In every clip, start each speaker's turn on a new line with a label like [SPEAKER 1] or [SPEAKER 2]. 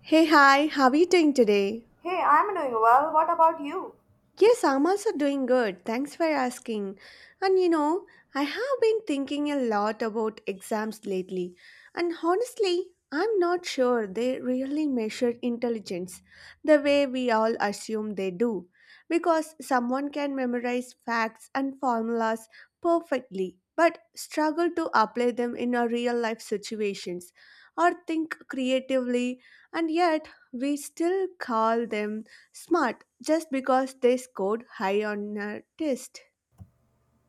[SPEAKER 1] Hey, hi, how are you doing today?
[SPEAKER 2] Hey, I'm doing well. What about you?
[SPEAKER 1] Yes, I'm also doing good. Thanks for asking. And you know, I have been thinking a lot about exams lately. And honestly, I'm not sure they really measure intelligence the way we all assume they do. Because someone can memorize facts and formulas perfectly, but struggle to apply them in a real life situations or think creatively, and yet we still call them smart, just because they scored high on a test.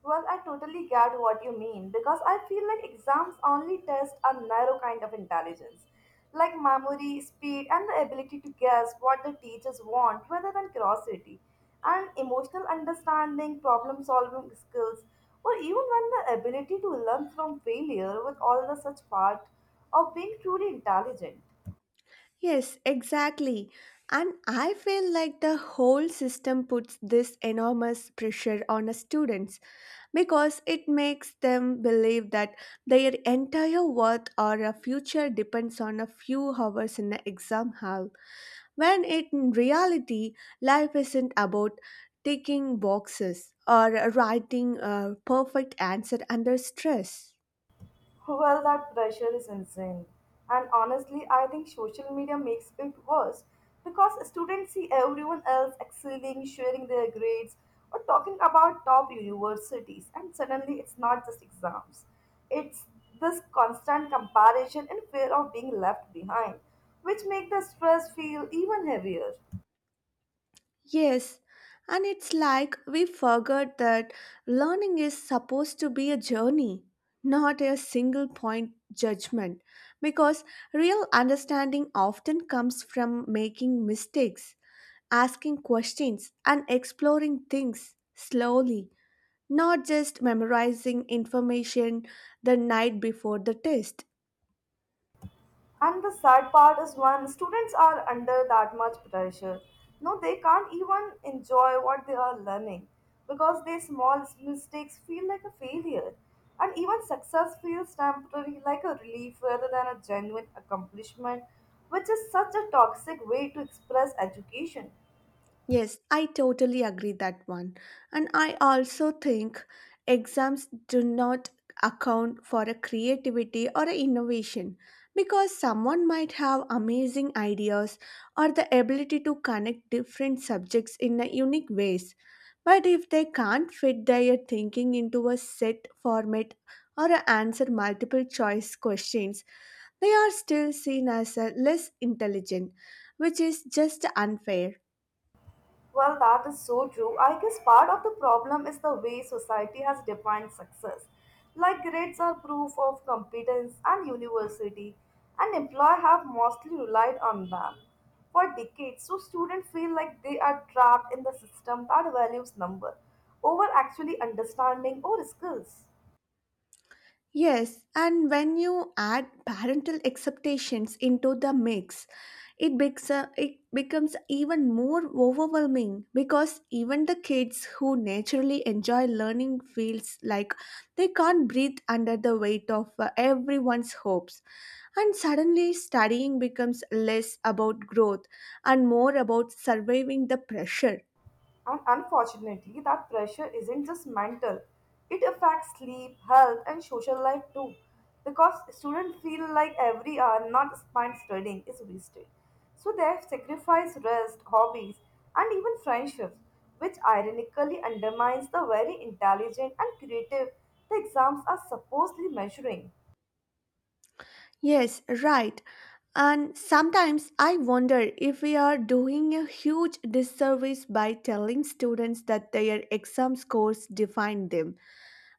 [SPEAKER 2] Well, I totally get what you mean because I feel like exams only test a narrow kind of intelligence, like memory, speed, and the ability to guess what the teachers want rather than curiosity, and emotional understanding, problem solving skills, or even when the ability to learn from failure with all the such part of being truly intelligent.
[SPEAKER 1] Yes, exactly. And I feel like the whole system puts this enormous pressure on the students because it makes them believe that their entire worth or a future depends on a few hours in the exam hall, when it, in reality, life isn't about ticking boxes or writing a perfect answer under stress.
[SPEAKER 2] Well, that pressure is insane. And honestly, I think social media makes it worse because students see everyone else excelling, sharing their grades, or talking about top universities, and suddenly it's not just exams. It's this constant comparison and fear of being left behind, which make the stress feel even heavier.
[SPEAKER 1] Yes, and it's like we forgot that learning is supposed to be a journey, not a single point judgment, because real understanding often comes from making mistakes, asking questions, and exploring things slowly, not just memorizing information the night before the test.
[SPEAKER 2] And the sad part is when students are under that much pressure, no, they can't even enjoy what they are learning because their small mistakes feel like a failure. And even success feels temporary, like a relief rather than a genuine accomplishment, which is such a toxic way to express education.
[SPEAKER 1] Yes, I totally agree that one. And I also think exams do not account for a creativity or a innovation because someone might have amazing ideas or the ability to connect different subjects in a unique ways. But if they can't fit their thinking into a set format or a answer multiple choice questions, they are still seen as a less intelligent, which is just unfair.
[SPEAKER 2] Well, that is so true. I guess part of the problem is the way society has defined success. Like grades are proof of competence and university, and employers have mostly relied on them for decades. So students feel like they are trapped in the system that values number over actually understanding or skills.
[SPEAKER 1] Yes, and when you add parental expectations into the mix, it becomes even more overwhelming because even the kids who naturally enjoy learning feels like they can't breathe under the weight of everyone's hopes. And suddenly, studying becomes less about growth and more about surviving the pressure.
[SPEAKER 2] And unfortunately, that pressure isn't just mental, it affects sleep, health, and social life too. Because students feel like every hour not spent studying is wasted. So they have sacrificed rest, hobbies, and even friendships, which ironically undermines the very intelligent and creative the exams are supposedly measuring.
[SPEAKER 1] Yes, right. And sometimes I wonder if we are doing a huge disservice by telling students that their exam scores define them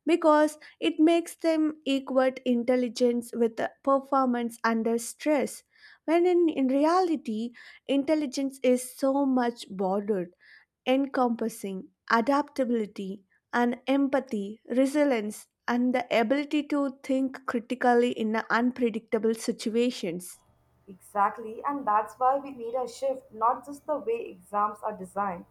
[SPEAKER 1] because it makes them equate intelligence with performance under stress when in reality intelligence is so much bordered encompassing adaptability and empathy, resilience, and the ability to think critically in unpredictable situations.
[SPEAKER 2] Exactly, and that's why we need a shift, not just the way exams are designed,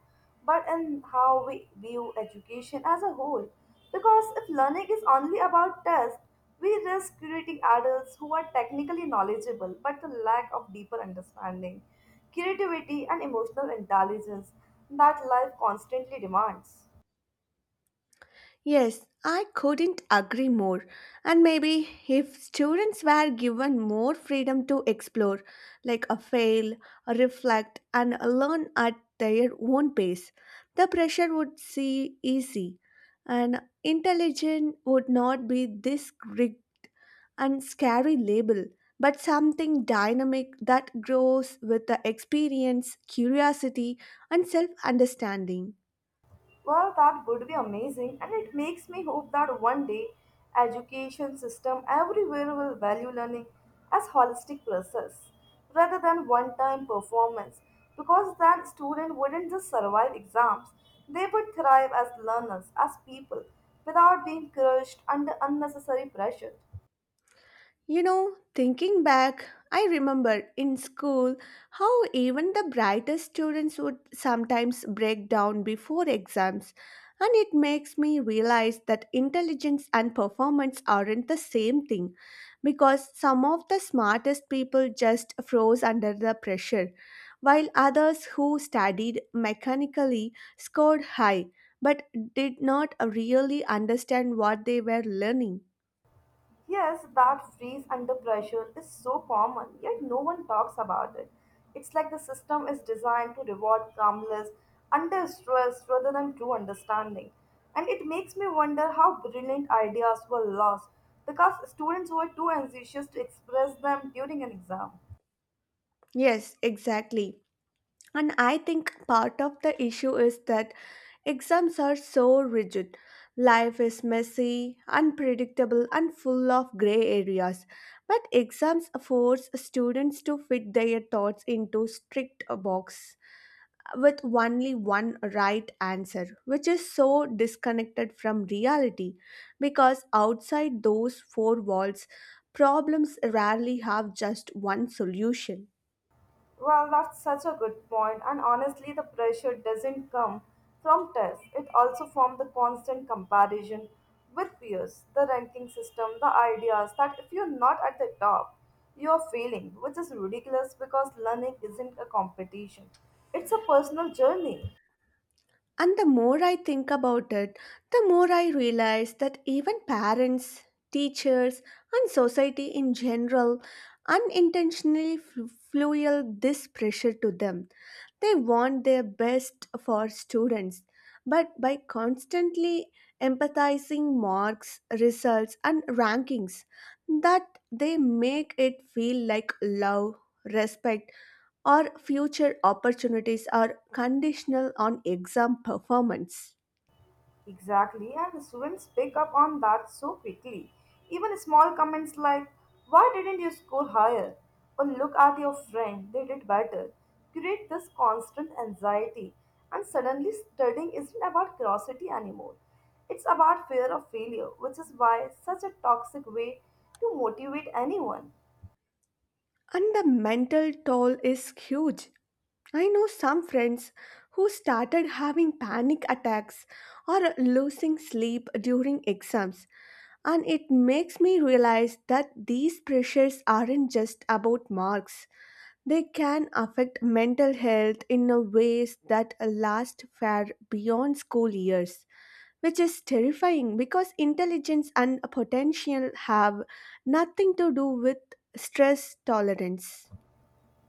[SPEAKER 2] but in how we view education as a whole. Because if learning is only about tests, we risk creating adults who are technically knowledgeable but the lack of deeper understanding, creativity, and emotional intelligence that life constantly demands.
[SPEAKER 1] Yes, I couldn't agree more. And maybe if students were given more freedom to explore, like a fail, a reflect, and a learn at their own pace, the pressure would see easy. And intelligent would not be this rigged and scary label, but something dynamic that grows with the experience, curiosity, and self understanding.
[SPEAKER 2] Well, that would be amazing, and it makes me hope that one day education system everywhere will value learning as holistic process rather than one-time performance because then students wouldn't just survive exams, they would thrive as learners, as people, without being crushed under unnecessary pressure.
[SPEAKER 1] You know, thinking back, I remember in school how even the brightest students would sometimes break down before exams, and it makes me realize that intelligence and performance aren't the same thing because some of the smartest people just froze under the pressure, while others who studied mechanically scored high but did not really understand what they were learning.
[SPEAKER 2] Yes, that freeze under pressure is so common, yet no one talks about it. It's like the system is designed to reward calmness under stress rather than true understanding. And it makes me wonder how brilliant ideas were lost because students were too anxious to express them during an exam.
[SPEAKER 1] Yes, exactly. And I think part of the issue is that exams are so rigid. Life is messy, unpredictable, and full of gray areas. But exams force students to fit their thoughts into strict box with only one right answer, which is so disconnected from reality because outside those four walls, problems rarely have just one solution.
[SPEAKER 2] Well, that's such a good point, and honestly, the pressure doesn't come from tests. It also from the constant comparison with peers, the ranking system, the ideas that if you're not at the top, you're failing, which is ridiculous because learning isn't a competition. It's a personal journey.
[SPEAKER 1] And the more I think about it, the more I realize that even parents, teachers, and society in general unintentionally fuel this pressure to them. They want their best for students, but by constantly empathizing marks, results, and rankings, that they make it feel like love, respect, or future opportunities are conditional on exam performance.
[SPEAKER 2] Exactly, and students pick up on that so quickly. Even small comments like, "Why didn't you score higher?" or "Look at your friend, they did better," create this constant anxiety. And suddenly, studying isn't about curiosity anymore. It's about fear of failure, which is why such a toxic way to motivate anyone.
[SPEAKER 1] And the mental toll is huge. I know some friends who started having panic attacks or losing sleep during exams, and it makes me realize that these pressures aren't just about marks. They can affect mental health in a ways that last far beyond school years, which is terrifying because intelligence and potential have nothing to do with stress tolerance.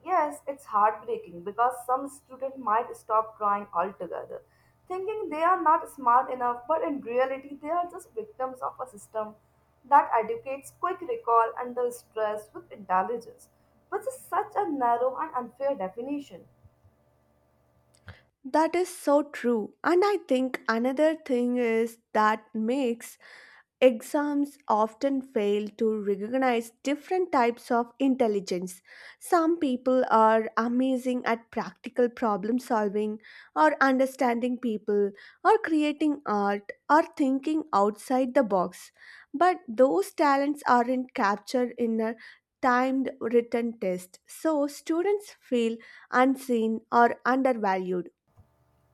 [SPEAKER 2] Yes, it's heartbreaking because some students might stop trying altogether, thinking they are not smart enough, but in reality, they are just victims of a system that educates quick recall under stress with intelligence, which is such a narrow and unfair definition.
[SPEAKER 1] That is so true. And I think another thing is that makes exams often fail to recognize different types of intelligence. Some people are amazing at practical problem solving or understanding people or creating art or thinking outside the box. But those talents aren't captured in a timed written test. So students feel unseen or undervalued.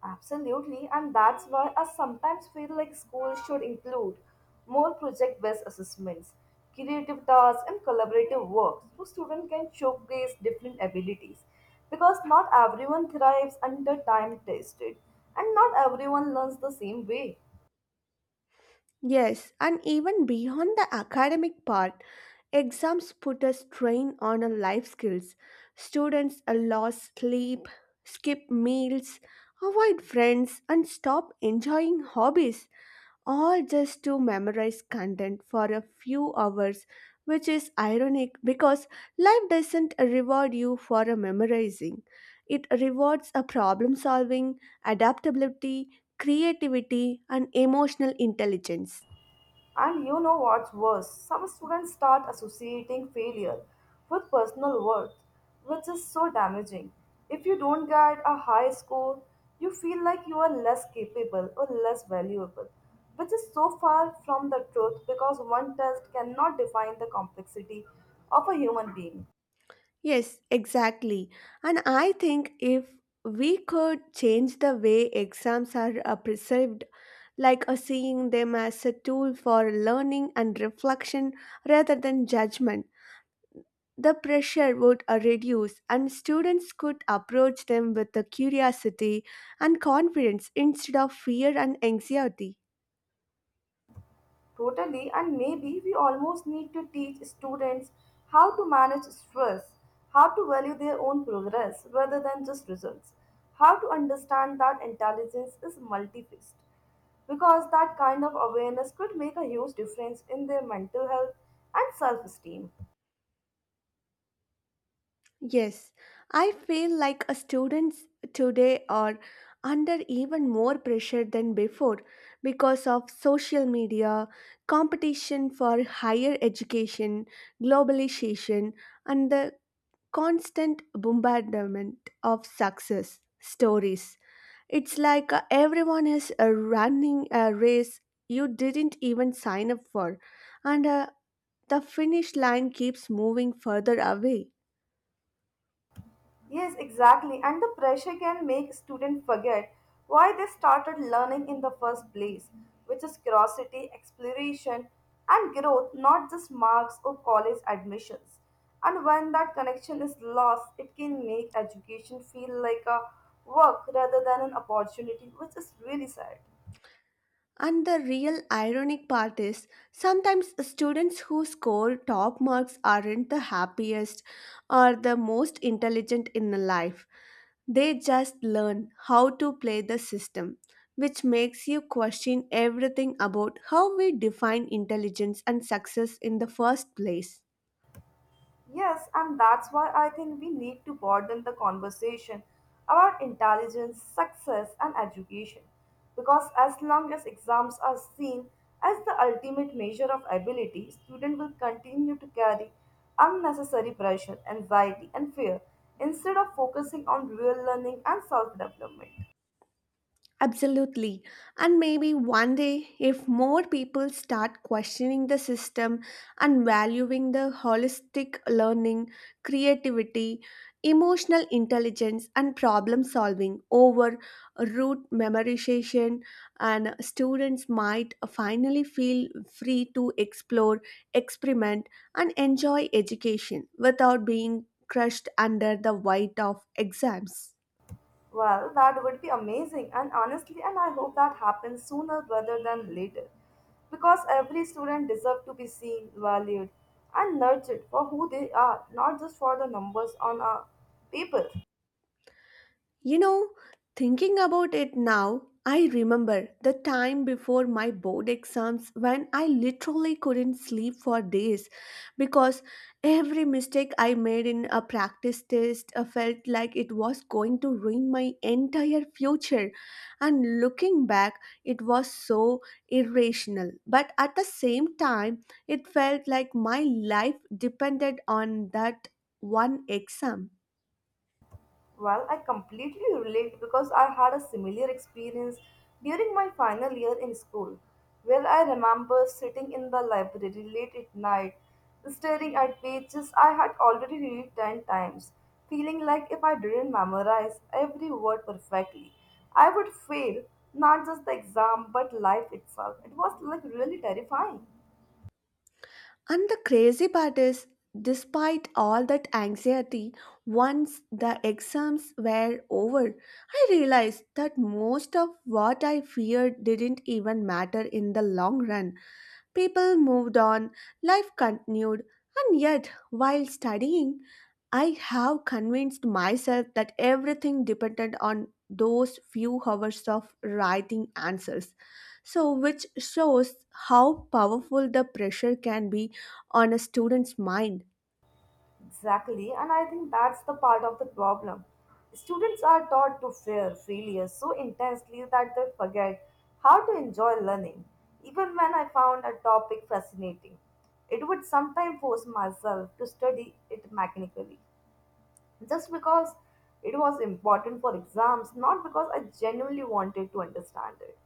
[SPEAKER 2] Absolutely, and that's why I sometimes feel like schools should include more project based assessments, creative tasks, and collaborative work so students can showcase different abilities. Because not everyone thrives under time tested, and not everyone learns the same way.
[SPEAKER 1] Yes, and even beyond the academic part, exams put a strain on our life skills. Students lost sleep, skip meals, avoid friends, and stop enjoying hobbies, all just to memorize content for a few hours, which is ironic because life doesn't reward you for a memorizing. It rewards a problem solving, adaptability, creativity, and emotional intelligence.
[SPEAKER 2] And you know what's worse? Some students start associating failure with personal worth, which is so damaging. If you don't get a high score, you feel like you are less capable or less valuable, which is so far from the truth because one test cannot define the complexity of a human being.
[SPEAKER 1] Yes, exactly. And I think if we could change the way exams are perceived, like seeing them as a tool for learning and reflection rather than judgment, the pressure would reduce and students could approach them with the curiosity and confidence instead of fear and anxiety.
[SPEAKER 2] Totally, and maybe we almost need to teach students how to manage stress, how to value their own progress rather than just results, how to understand that intelligence is multifaced, because that kind of awareness could make a huge difference in their mental health and self esteem.
[SPEAKER 1] Yes, I feel like a students today are under even more pressure than before because of social media, competition for higher education, globalization, and the constant bombardment of success stories. It's like everyone is running a race you didn't even sign up for, and the finish line keeps moving further away.
[SPEAKER 2] Yes, exactly. And the pressure can make students forget why they started learning in the first place, which is curiosity, exploration, and growth, not just marks or college admissions. And when that connection is lost, it can make education feel like a work rather than an opportunity, which is really sad.
[SPEAKER 1] And the real ironic part is sometimes students who score top marks aren't the happiest or the most intelligent in life. They just learn how to play the system, which makes you question everything about how we define intelligence and success in the first place.
[SPEAKER 2] Yes, and that's why I think we need to broaden the conversation about intelligence, success, and education. Because as long as exams are seen as the ultimate measure of ability, students will continue to carry unnecessary pressure, anxiety, and fear instead of focusing on real learning and self development.
[SPEAKER 1] Absolutely. And maybe one day, if more people start questioning the system and valuing the holistic learning, creativity, emotional intelligence, and problem solving over rote memorization, and students might finally feel free to explore, experiment, and enjoy education without being crushed under the weight of exams.
[SPEAKER 2] Well, that would be amazing, and honestly, and I hope that happens sooner rather than later. Because every student deserves to be seen, valued, and nurtured for who they are, not just for the numbers on a paper.
[SPEAKER 1] You know, thinking about it now, I remember the time before my board exams when I literally couldn't sleep for days because every mistake I made in a practice test felt like it was going to ruin my entire future. And looking back, it was so irrational. But at the same time, it felt like my life depended on that one exam.
[SPEAKER 2] Well, I completely relate because I had a similar experience during my final year in school, where I remember sitting in the library late at night, staring at pages I had already read 10 times, feeling like if I didn't memorize every word perfectly, I would fail not just the exam but life itself. It was like really terrifying.
[SPEAKER 1] And the crazy part is, despite all that anxiety, once the exams were over, I realized that most of what I feared didn't even matter in the long run. People moved on, life continued, and yet, while studying, I have convinced myself that everything depended on those few hours of writing answers. So, which shows how powerful the pressure can be on a student's mind.
[SPEAKER 2] Exactly, and I think that's the part of the problem. Students are taught to fear failure so intensely that they forget how to enjoy learning. Even when I found a topic fascinating, it would sometimes force myself to study it mechanically just because it was important for exams, not because I genuinely wanted to understand it,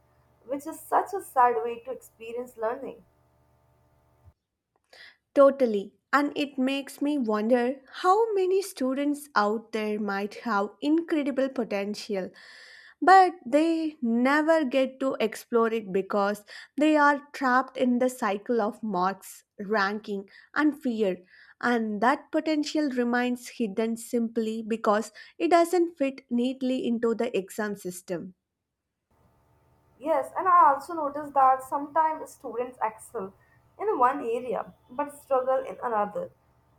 [SPEAKER 2] which is such a sad way to experience learning.
[SPEAKER 1] Totally. And it makes me wonder how many students out there might have incredible potential but they never get to explore it because they are trapped in the cycle of marks, ranking, and fear. And that potential remains hidden simply because it doesn't fit neatly into the exam system.
[SPEAKER 2] Yes, and I also noticed that sometimes students excel in one area but struggle in another,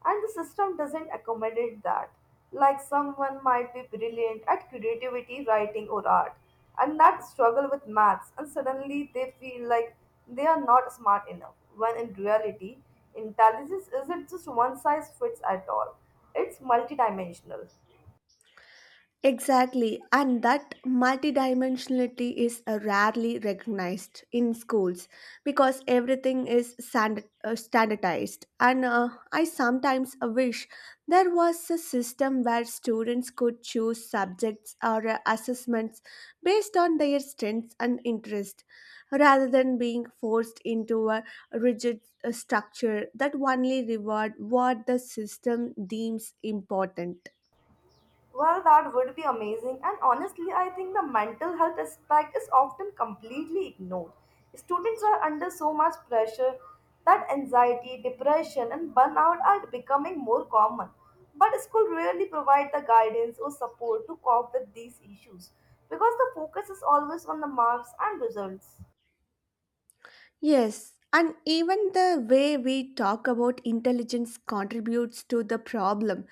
[SPEAKER 2] and the system doesn't accommodate that. Like someone might be brilliant at creativity, writing, or art, and that struggle with maths, and suddenly they feel like they are not smart enough, when in reality, intelligence isn't just one size fits at all, it's multidimensional.
[SPEAKER 1] Exactly, and that multidimensionality is rarely recognized in schools because everything is standardized. And I sometimes wish there was a system where students could choose subjects or assessments based on their strengths and interest rather than being forced into a rigid structure that only reward what the system deems important.
[SPEAKER 2] Well, that would be amazing. And honestly, I think the mental health aspect is often completely ignored. Students are under so much pressure that anxiety, depression, and burnout are becoming more common. But school rarely provide the guidance or support to cope with these issues because the focus is always on the marks and results.
[SPEAKER 1] Yes, and even the way we talk about intelligence contributes to the problem.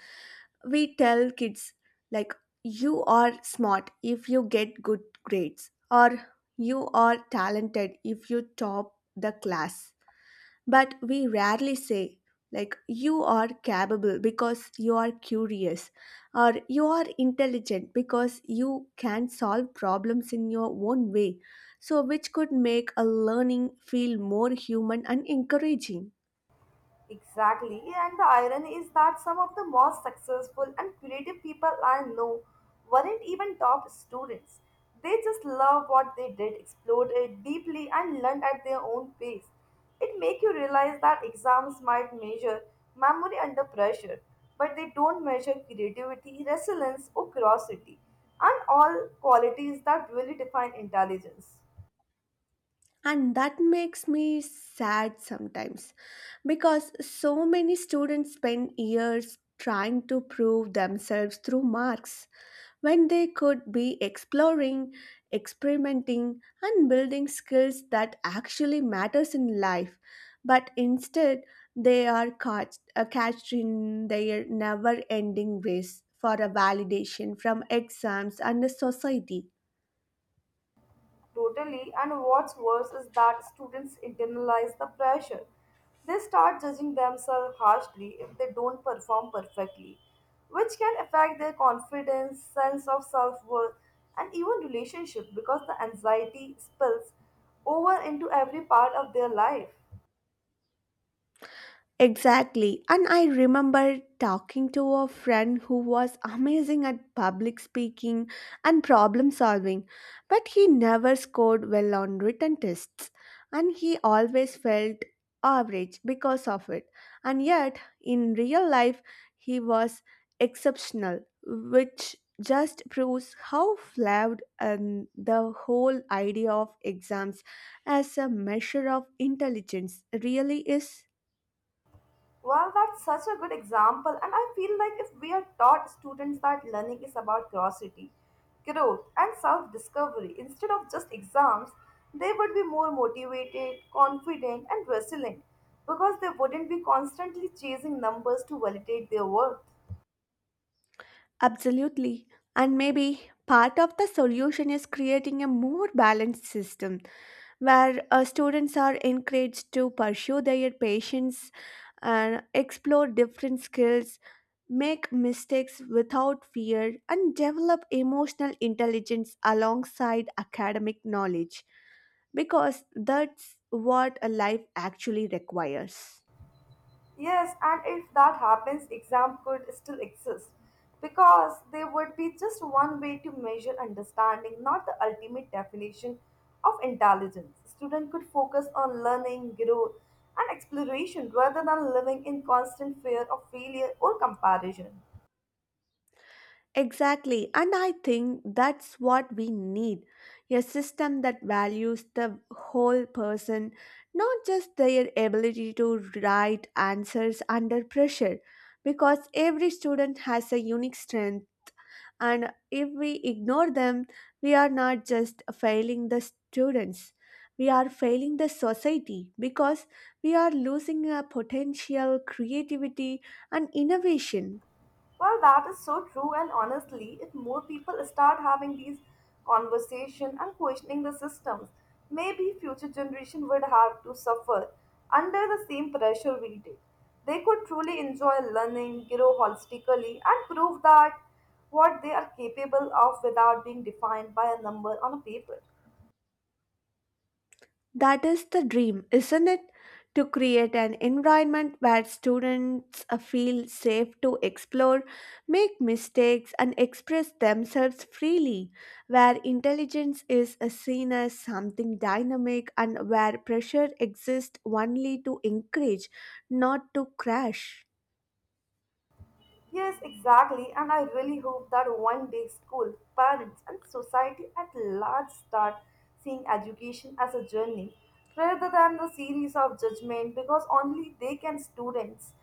[SPEAKER 1] We tell kids, like, you are smart if you get good grades, or you are talented if you top the class. But we rarely say, like, you are capable because you are curious, or you are intelligent because you can solve problems in your own way. So, which could make a learning feel more human and encouraging.
[SPEAKER 2] Exactly, and the irony is that some of the most successful and creative people I know weren't even top students. They just loved what they did, explored it deeply, and learned at their own pace. It makes you realize that exams might measure memory under pressure, but they don't measure creativity, resilience, or curiosity, and all qualities that really define intelligence.
[SPEAKER 1] And that makes me sad sometimes because so many students spend years trying to prove themselves through marks when they could be exploring, experimenting, and building skills that actually matters in life. But instead, they are catched in their never-ending race for a validation from exams and the society.
[SPEAKER 2] Totally, and what's worse is that students internalize the pressure. They start judging themselves harshly if they don't perform perfectly, which can affect their confidence, sense of self worth, and even relationship because the anxiety spills over into every part of their life.
[SPEAKER 1] Exactly. And I remember talking to a friend who was amazing at public speaking and problem solving, but he never scored well on written tests and he always felt average because of it. And yet, in real life, he was exceptional, which just proves how flawed the whole idea of exams as a measure of intelligence really is.
[SPEAKER 2] Well, that's such a good example, and I feel like if we are taught students that learning is about curiosity, growth, and self discovery instead of just exams, they would be more motivated, confident, and resilient because they wouldn't be constantly chasing numbers to validate their worth.
[SPEAKER 1] Absolutely. And maybe part of the solution is creating a more balanced system where students are encouraged to pursue their passions and explore different skills, make mistakes without fear, and develop emotional intelligence alongside academic knowledge because that's what a life actually requires.
[SPEAKER 2] Yes, and if that happens, exam could still exist because there would be just one way to measure understanding, not the ultimate definition of intelligence. Student could focus on learning, growth, and exploration rather than living in constant fear of failure or comparison.
[SPEAKER 1] Exactly, and I think that's what we need a system that values the whole person, not just their ability to write answers under pressure, because every student has a unique strength, and if we ignore them, we are not just failing the students. We are failing the society because we are losing a potential creativity and innovation.
[SPEAKER 2] Well, that is so true, and honestly, if more people start having these conversations and questioning the systems, maybe future generation would have to suffer under the same pressure we did. They could truly enjoy learning, grow holistically, and prove that what they are capable of without being defined by a number on a paper.
[SPEAKER 1] That is the dream, isn't it? To create an environment where students feel safe to explore, make mistakes, and express themselves freely, where intelligence is seen as something dynamic and where pressure exists only to encourage, not to crash.
[SPEAKER 2] Yes, exactly, and I really hope that one day school, parents, and society at large start seeing education as a journey rather than the series of judgment because only they can students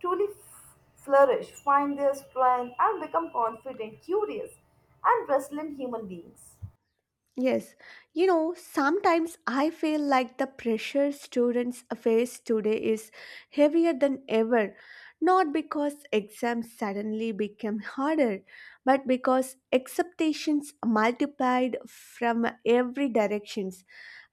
[SPEAKER 2] truly flourish, find their strength, and become confident, curious, and resilient human beings.
[SPEAKER 1] Yes, you know, sometimes I feel like the pressure students face today is heavier than ever, not because exams suddenly became harder, but because expectations multiplied from every directions.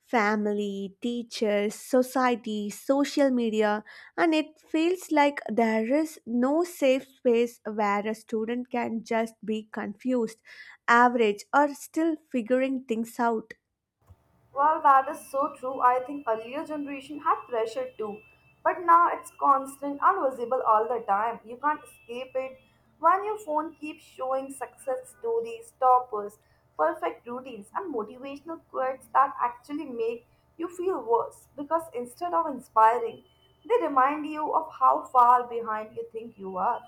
[SPEAKER 1] Family, teachers, society, social media, and it feels like there is no safe space where a student can just be confused average or still figuring things out.
[SPEAKER 2] Well, that is so true. I think earlier generation had pressure too, but now it's constant and visible all the time. You can't escape it. When your phone keeps showing success stories, toppers, perfect routines, and motivational quotes that actually make you feel worse because instead of inspiring, they remind you of how far behind you think you are.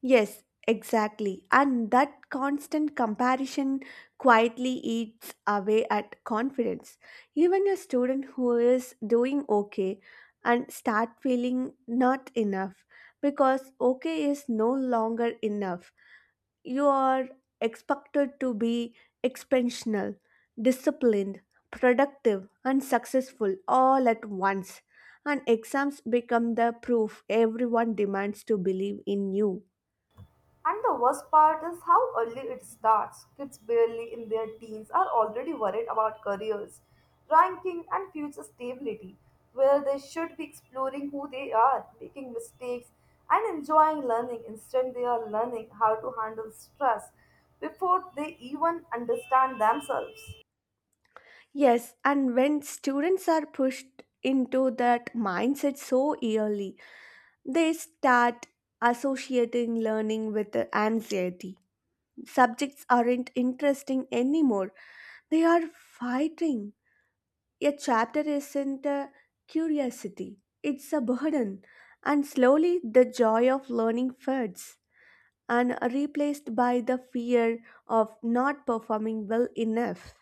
[SPEAKER 1] Yes, exactly. And that constant comparison quietly eats away at confidence. Even a student who is doing okay and start feeling not enough because okay is no longer enough you are expected to be expansional, disciplined, productive, and successful all at once. And exams become the proof everyone demands to believe in you.
[SPEAKER 2] And the worst part is how early it starts. Kids barely in their teens are already worried about careers, ranking, and future stability, where they should be exploring who they are, making mistakes, and enjoying learning. Instead, they are learning how to handle stress before they even understand themselves.
[SPEAKER 1] Yes, and when students are pushed into that mindset so early, they start associating learning with anxiety. Subjects aren't interesting anymore, they are fighting. A chapter isn't a curiosity, it's a burden. And slowly the joy of learning fades and are replaced by the fear of not performing well enough.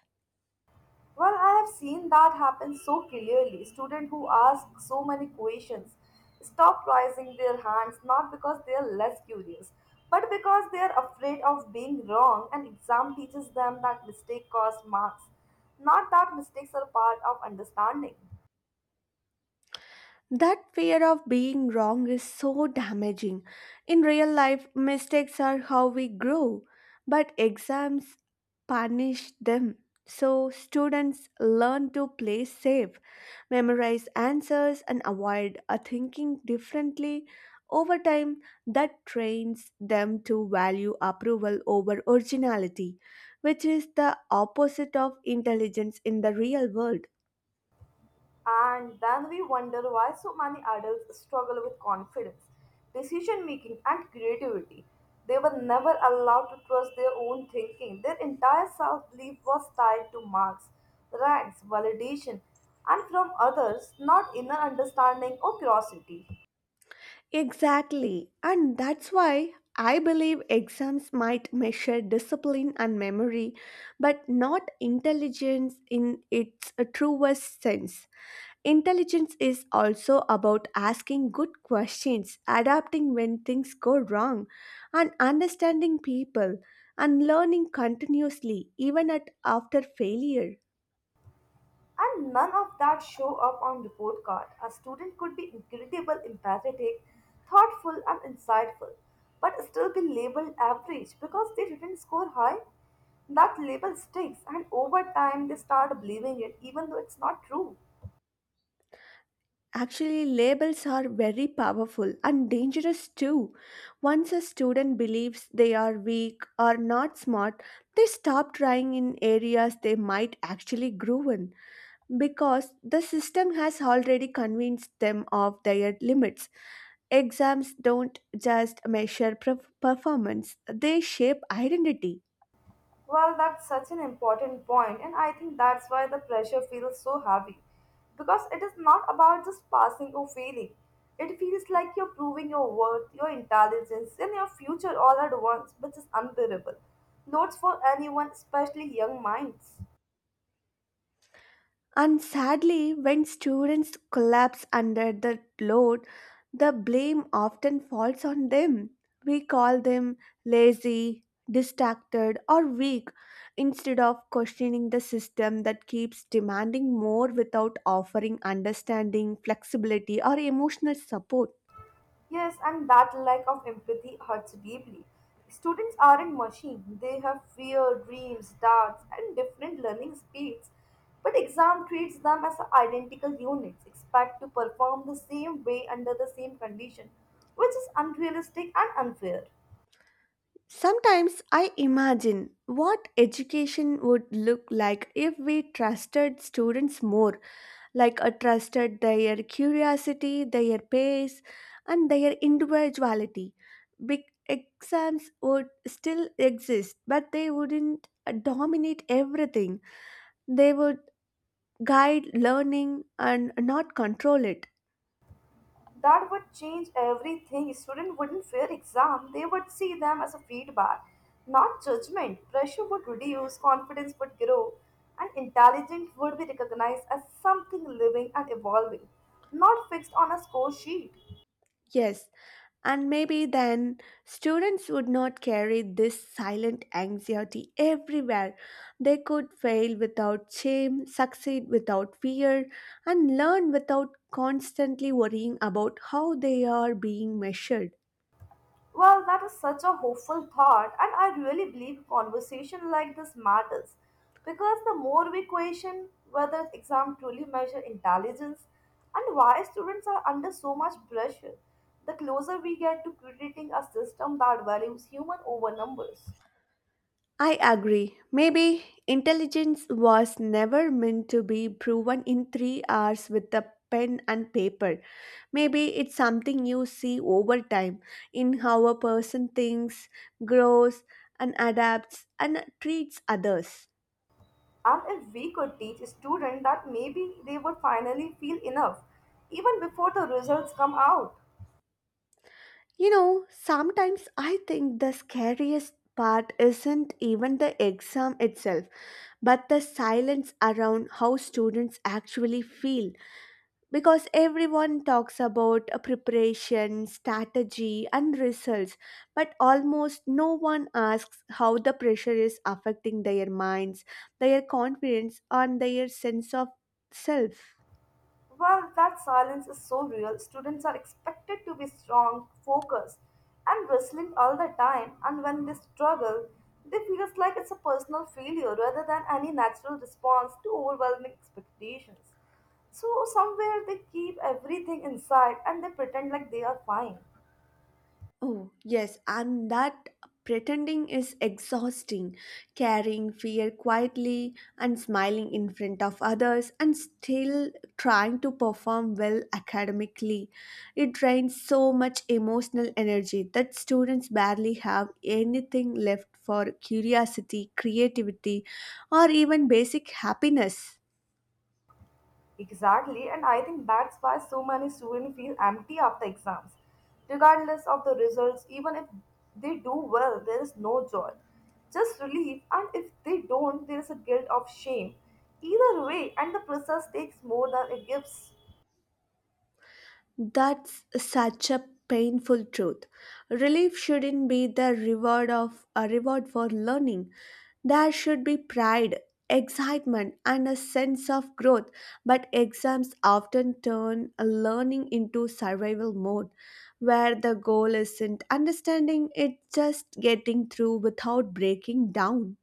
[SPEAKER 2] Well, I have seen that happen so clearly. Students who ask so many questions stop raising their hands not because they are less curious, but because they are afraid of being wrong, and exam teaches them that mistake costs marks, not that mistakes are part of understanding.
[SPEAKER 1] That fear of being wrong is so damaging. In real life, mistakes are how we grow, but exams punish them. So, students learn to play safe, memorize answers, and avoid thinking differently. Over time, that trains them to value approval over originality, which is the opposite of intelligence in the real world.
[SPEAKER 2] And then we wonder why so many adults struggle with confidence, decision making, and creativity. They were never allowed to trust their own thinking. Their entire self belief was tied to marks, ranks, validation, and from others, not inner understanding or curiosity.
[SPEAKER 1] Exactly. And that's why I believe exams might measure discipline and memory, but not intelligence in its truest sense. Intelligence is also about asking good questions, adapting when things go wrong, and understanding people, and learning continuously, even at after failure.
[SPEAKER 2] And none of that show up on report card. A student could be incredible, empathetic, thoughtful and insightful, but still be labeled average because they didn't score high. That label sticks and over time they start believing it even though it's not true.
[SPEAKER 1] Actually, labels are very powerful and dangerous too. Once a student believes they are weak or not smart, they stop trying in areas they might actually grow in because the system has already convinced them of their limits. Exams don't just measure performance, they shape identity.
[SPEAKER 2] Well, that's such an important point, and I think that's why the pressure feels so heavy. Because it is not about just passing or failing. It feels like you're proving your worth, your intelligence, and your future all at once, which is unbearable. Loads for anyone, especially young minds.
[SPEAKER 1] And sadly, when students collapse under the load, the blame often falls on them. We call them lazy, distracted, or weak instead of questioning the system that keeps demanding more without offering understanding, flexibility, or emotional support.
[SPEAKER 2] Yes, and that lack of empathy hurts deeply. Students aren't machines, they have fear, dreams, doubts, and different learning speeds. But exam treats them as identical units, expect to perform the same way under the same condition, which is unrealistic and unfair.
[SPEAKER 1] Sometimes I imagine what education would look like if we trusted students more, like a trusted their curiosity, their pace, and their individuality. Big exams would still exist, but they wouldn't dominate everything. They would guide learning and not control it.
[SPEAKER 2] That would change everything. Students wouldn't fear exam. They would see them as a feedback, not judgment. Pressure would reduce, confidence would grow, and intelligence would be recognized as something living and evolving, not fixed on a score sheet.
[SPEAKER 1] Yes, and maybe then students would not carry this silent anxiety everywhere. They could fail without shame, succeed without fear, and learn without constantly worrying about how they are being measured.
[SPEAKER 2] Well, that is such a hopeful thought, and I really believe conversation like this matters because the more we question whether exams truly measure intelligence and why students are under so much pressure, the closer we get to creating a system that values human over numbers.
[SPEAKER 1] I agree. Maybe intelligence was never meant to be proven in 3 hours with a pen and paper. Maybe it's something you see over time in how a person thinks, grows, and adapts and treats others.
[SPEAKER 2] And if we could teach students that maybe they would finally feel enough even before the results come out.
[SPEAKER 1] You know, sometimes I think the scariest part isn't even the exam itself, but the silence around how students actually feel, because everyone talks about preparation, strategy, and results, but almost no one asks how the pressure is affecting their minds, their confidence, and their sense of self.
[SPEAKER 2] Well, that silence is so real. Students are expected to be strong, focused, and wrestling all the time, and when they struggle, they feel it's like it's a personal failure rather than any natural response to overwhelming expectations. So, somewhere they keep everything inside and they pretend like they are fine.
[SPEAKER 1] Oh, yes, and that pretending is exhausting. Carrying fear quietly and smiling in front of others and still trying to perform well academically. It drains so much emotional energy that students barely have anything left for curiosity, creativity, or even basic happiness.
[SPEAKER 2] Exactly, and I think that's why so many students feel empty after exams. Regardless of the results, even if they do well, there is no joy, just relief, and if they don't, there is a guilt of shame. Either way, and the process takes more than it gives.
[SPEAKER 1] That's such a painful truth. Relief shouldn't be the reward of a reward for learning. There should be pride, excitement, and a sense of growth, but exams often turn learning into survival mode, where the goal isn't understanding, it's just getting through without breaking down.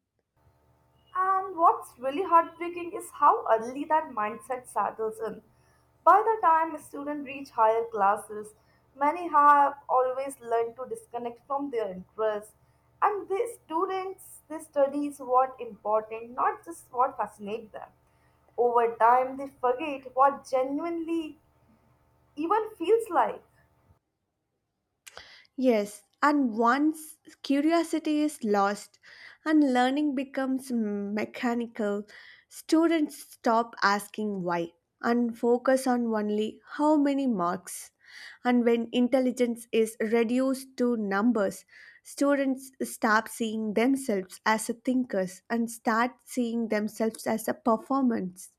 [SPEAKER 2] And what's really heartbreaking is how early that mindset settles in. By the time students reach higher classes, many have always learned to disconnect from their interests. And the students, they studies what important, not just what fascinates them. Over time, they forget what genuinely even feels like.
[SPEAKER 1] Yes, and once curiosity is lost and learning becomes mechanical, students stop asking why and focus on only how many marks. And when intelligence is reduced to numbers, students stop seeing themselves as a thinkers and start seeing themselves as a performance.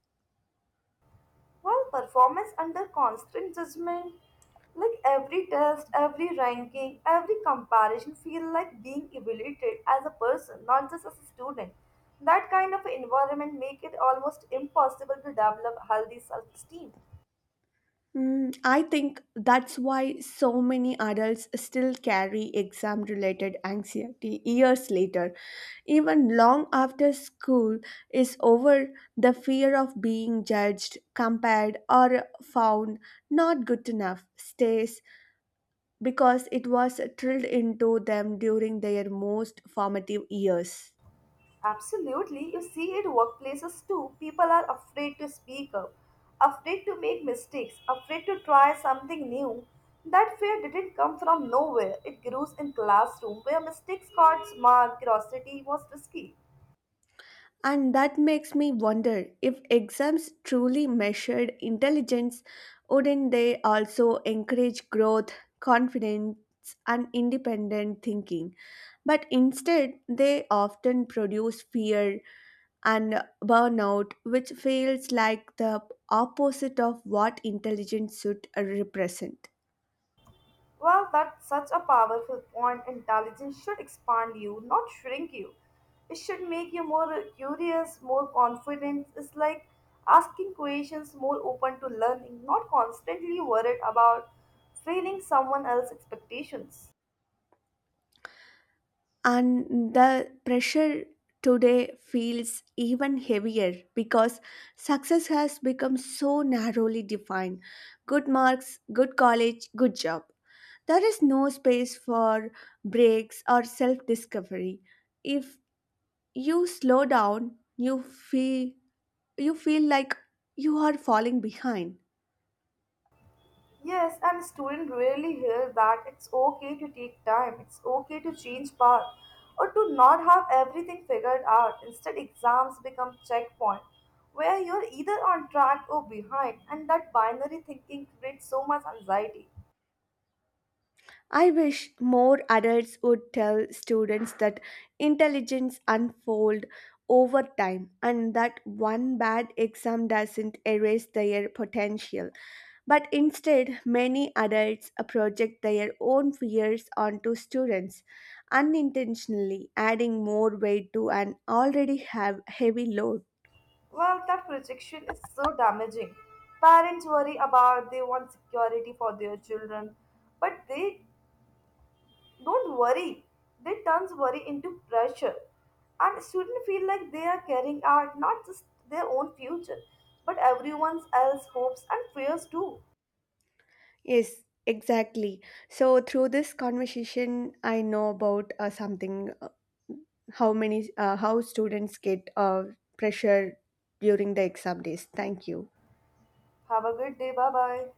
[SPEAKER 2] Well, performance under constant judgment, like every test, every ranking, every comparison, feel like being evaluated as a person, not just as a student. That kind of environment make it almost impossible to develop healthy self-esteem.
[SPEAKER 1] Mm, I think that's why so many adults still carry exam related anxiety years later. Even long after school is over, the fear of being judged, compared, or found not good enough stays because it was drilled into them during their most formative years.
[SPEAKER 2] Absolutely, you see it workplaces too. People are afraid to speak up, afraid to make mistakes, afraid to try something new. That fear didn't come from nowhere. It grows in classroom where mistakes got smart, curiosity was risky.
[SPEAKER 1] And that makes me wonder if exams truly measured intelligence, wouldn't they also encourage growth, confidence, and independent thinking? But instead, they often produce fear and burnout, which feels like the opposite of what intelligence should represent.
[SPEAKER 2] Well, that's such a powerful point. Intelligence should expand you, not shrink you. It should make you more curious, more confident. It's like asking questions, more open to learning, not constantly worried about failing someone else's expectations.
[SPEAKER 1] And the pressure today feels even heavier because success has become so narrowly defined, good marks, good college, good job. There is no space for breaks or self discovery. If you slow down you feel, you feel like you are falling behind.
[SPEAKER 2] Yes, and students really hear that it's okay to take time, it's okay to change path, or to not have everything figured out. Instead, exams become checkpoint where you're either on track or behind, and that binary thinking creates so much anxiety.
[SPEAKER 1] I wish more adults would tell students that intelligence unfolds over time and that one bad exam doesn't erase their potential. But instead, many adults project their own fears onto students, unintentionally adding more weight to an already have heavy load.
[SPEAKER 2] Well, that projection is so damaging. Parents worry about they want security for their children, but they don't worry, they turns worry into pressure. And students feel like they are carrying out not just their own future, but everyone else's hopes and fears too.
[SPEAKER 1] Yes, exactly. So through this conversation, I know about something, how students get pressure during the exam days. Thank you.
[SPEAKER 2] Have a good day. Bye bye.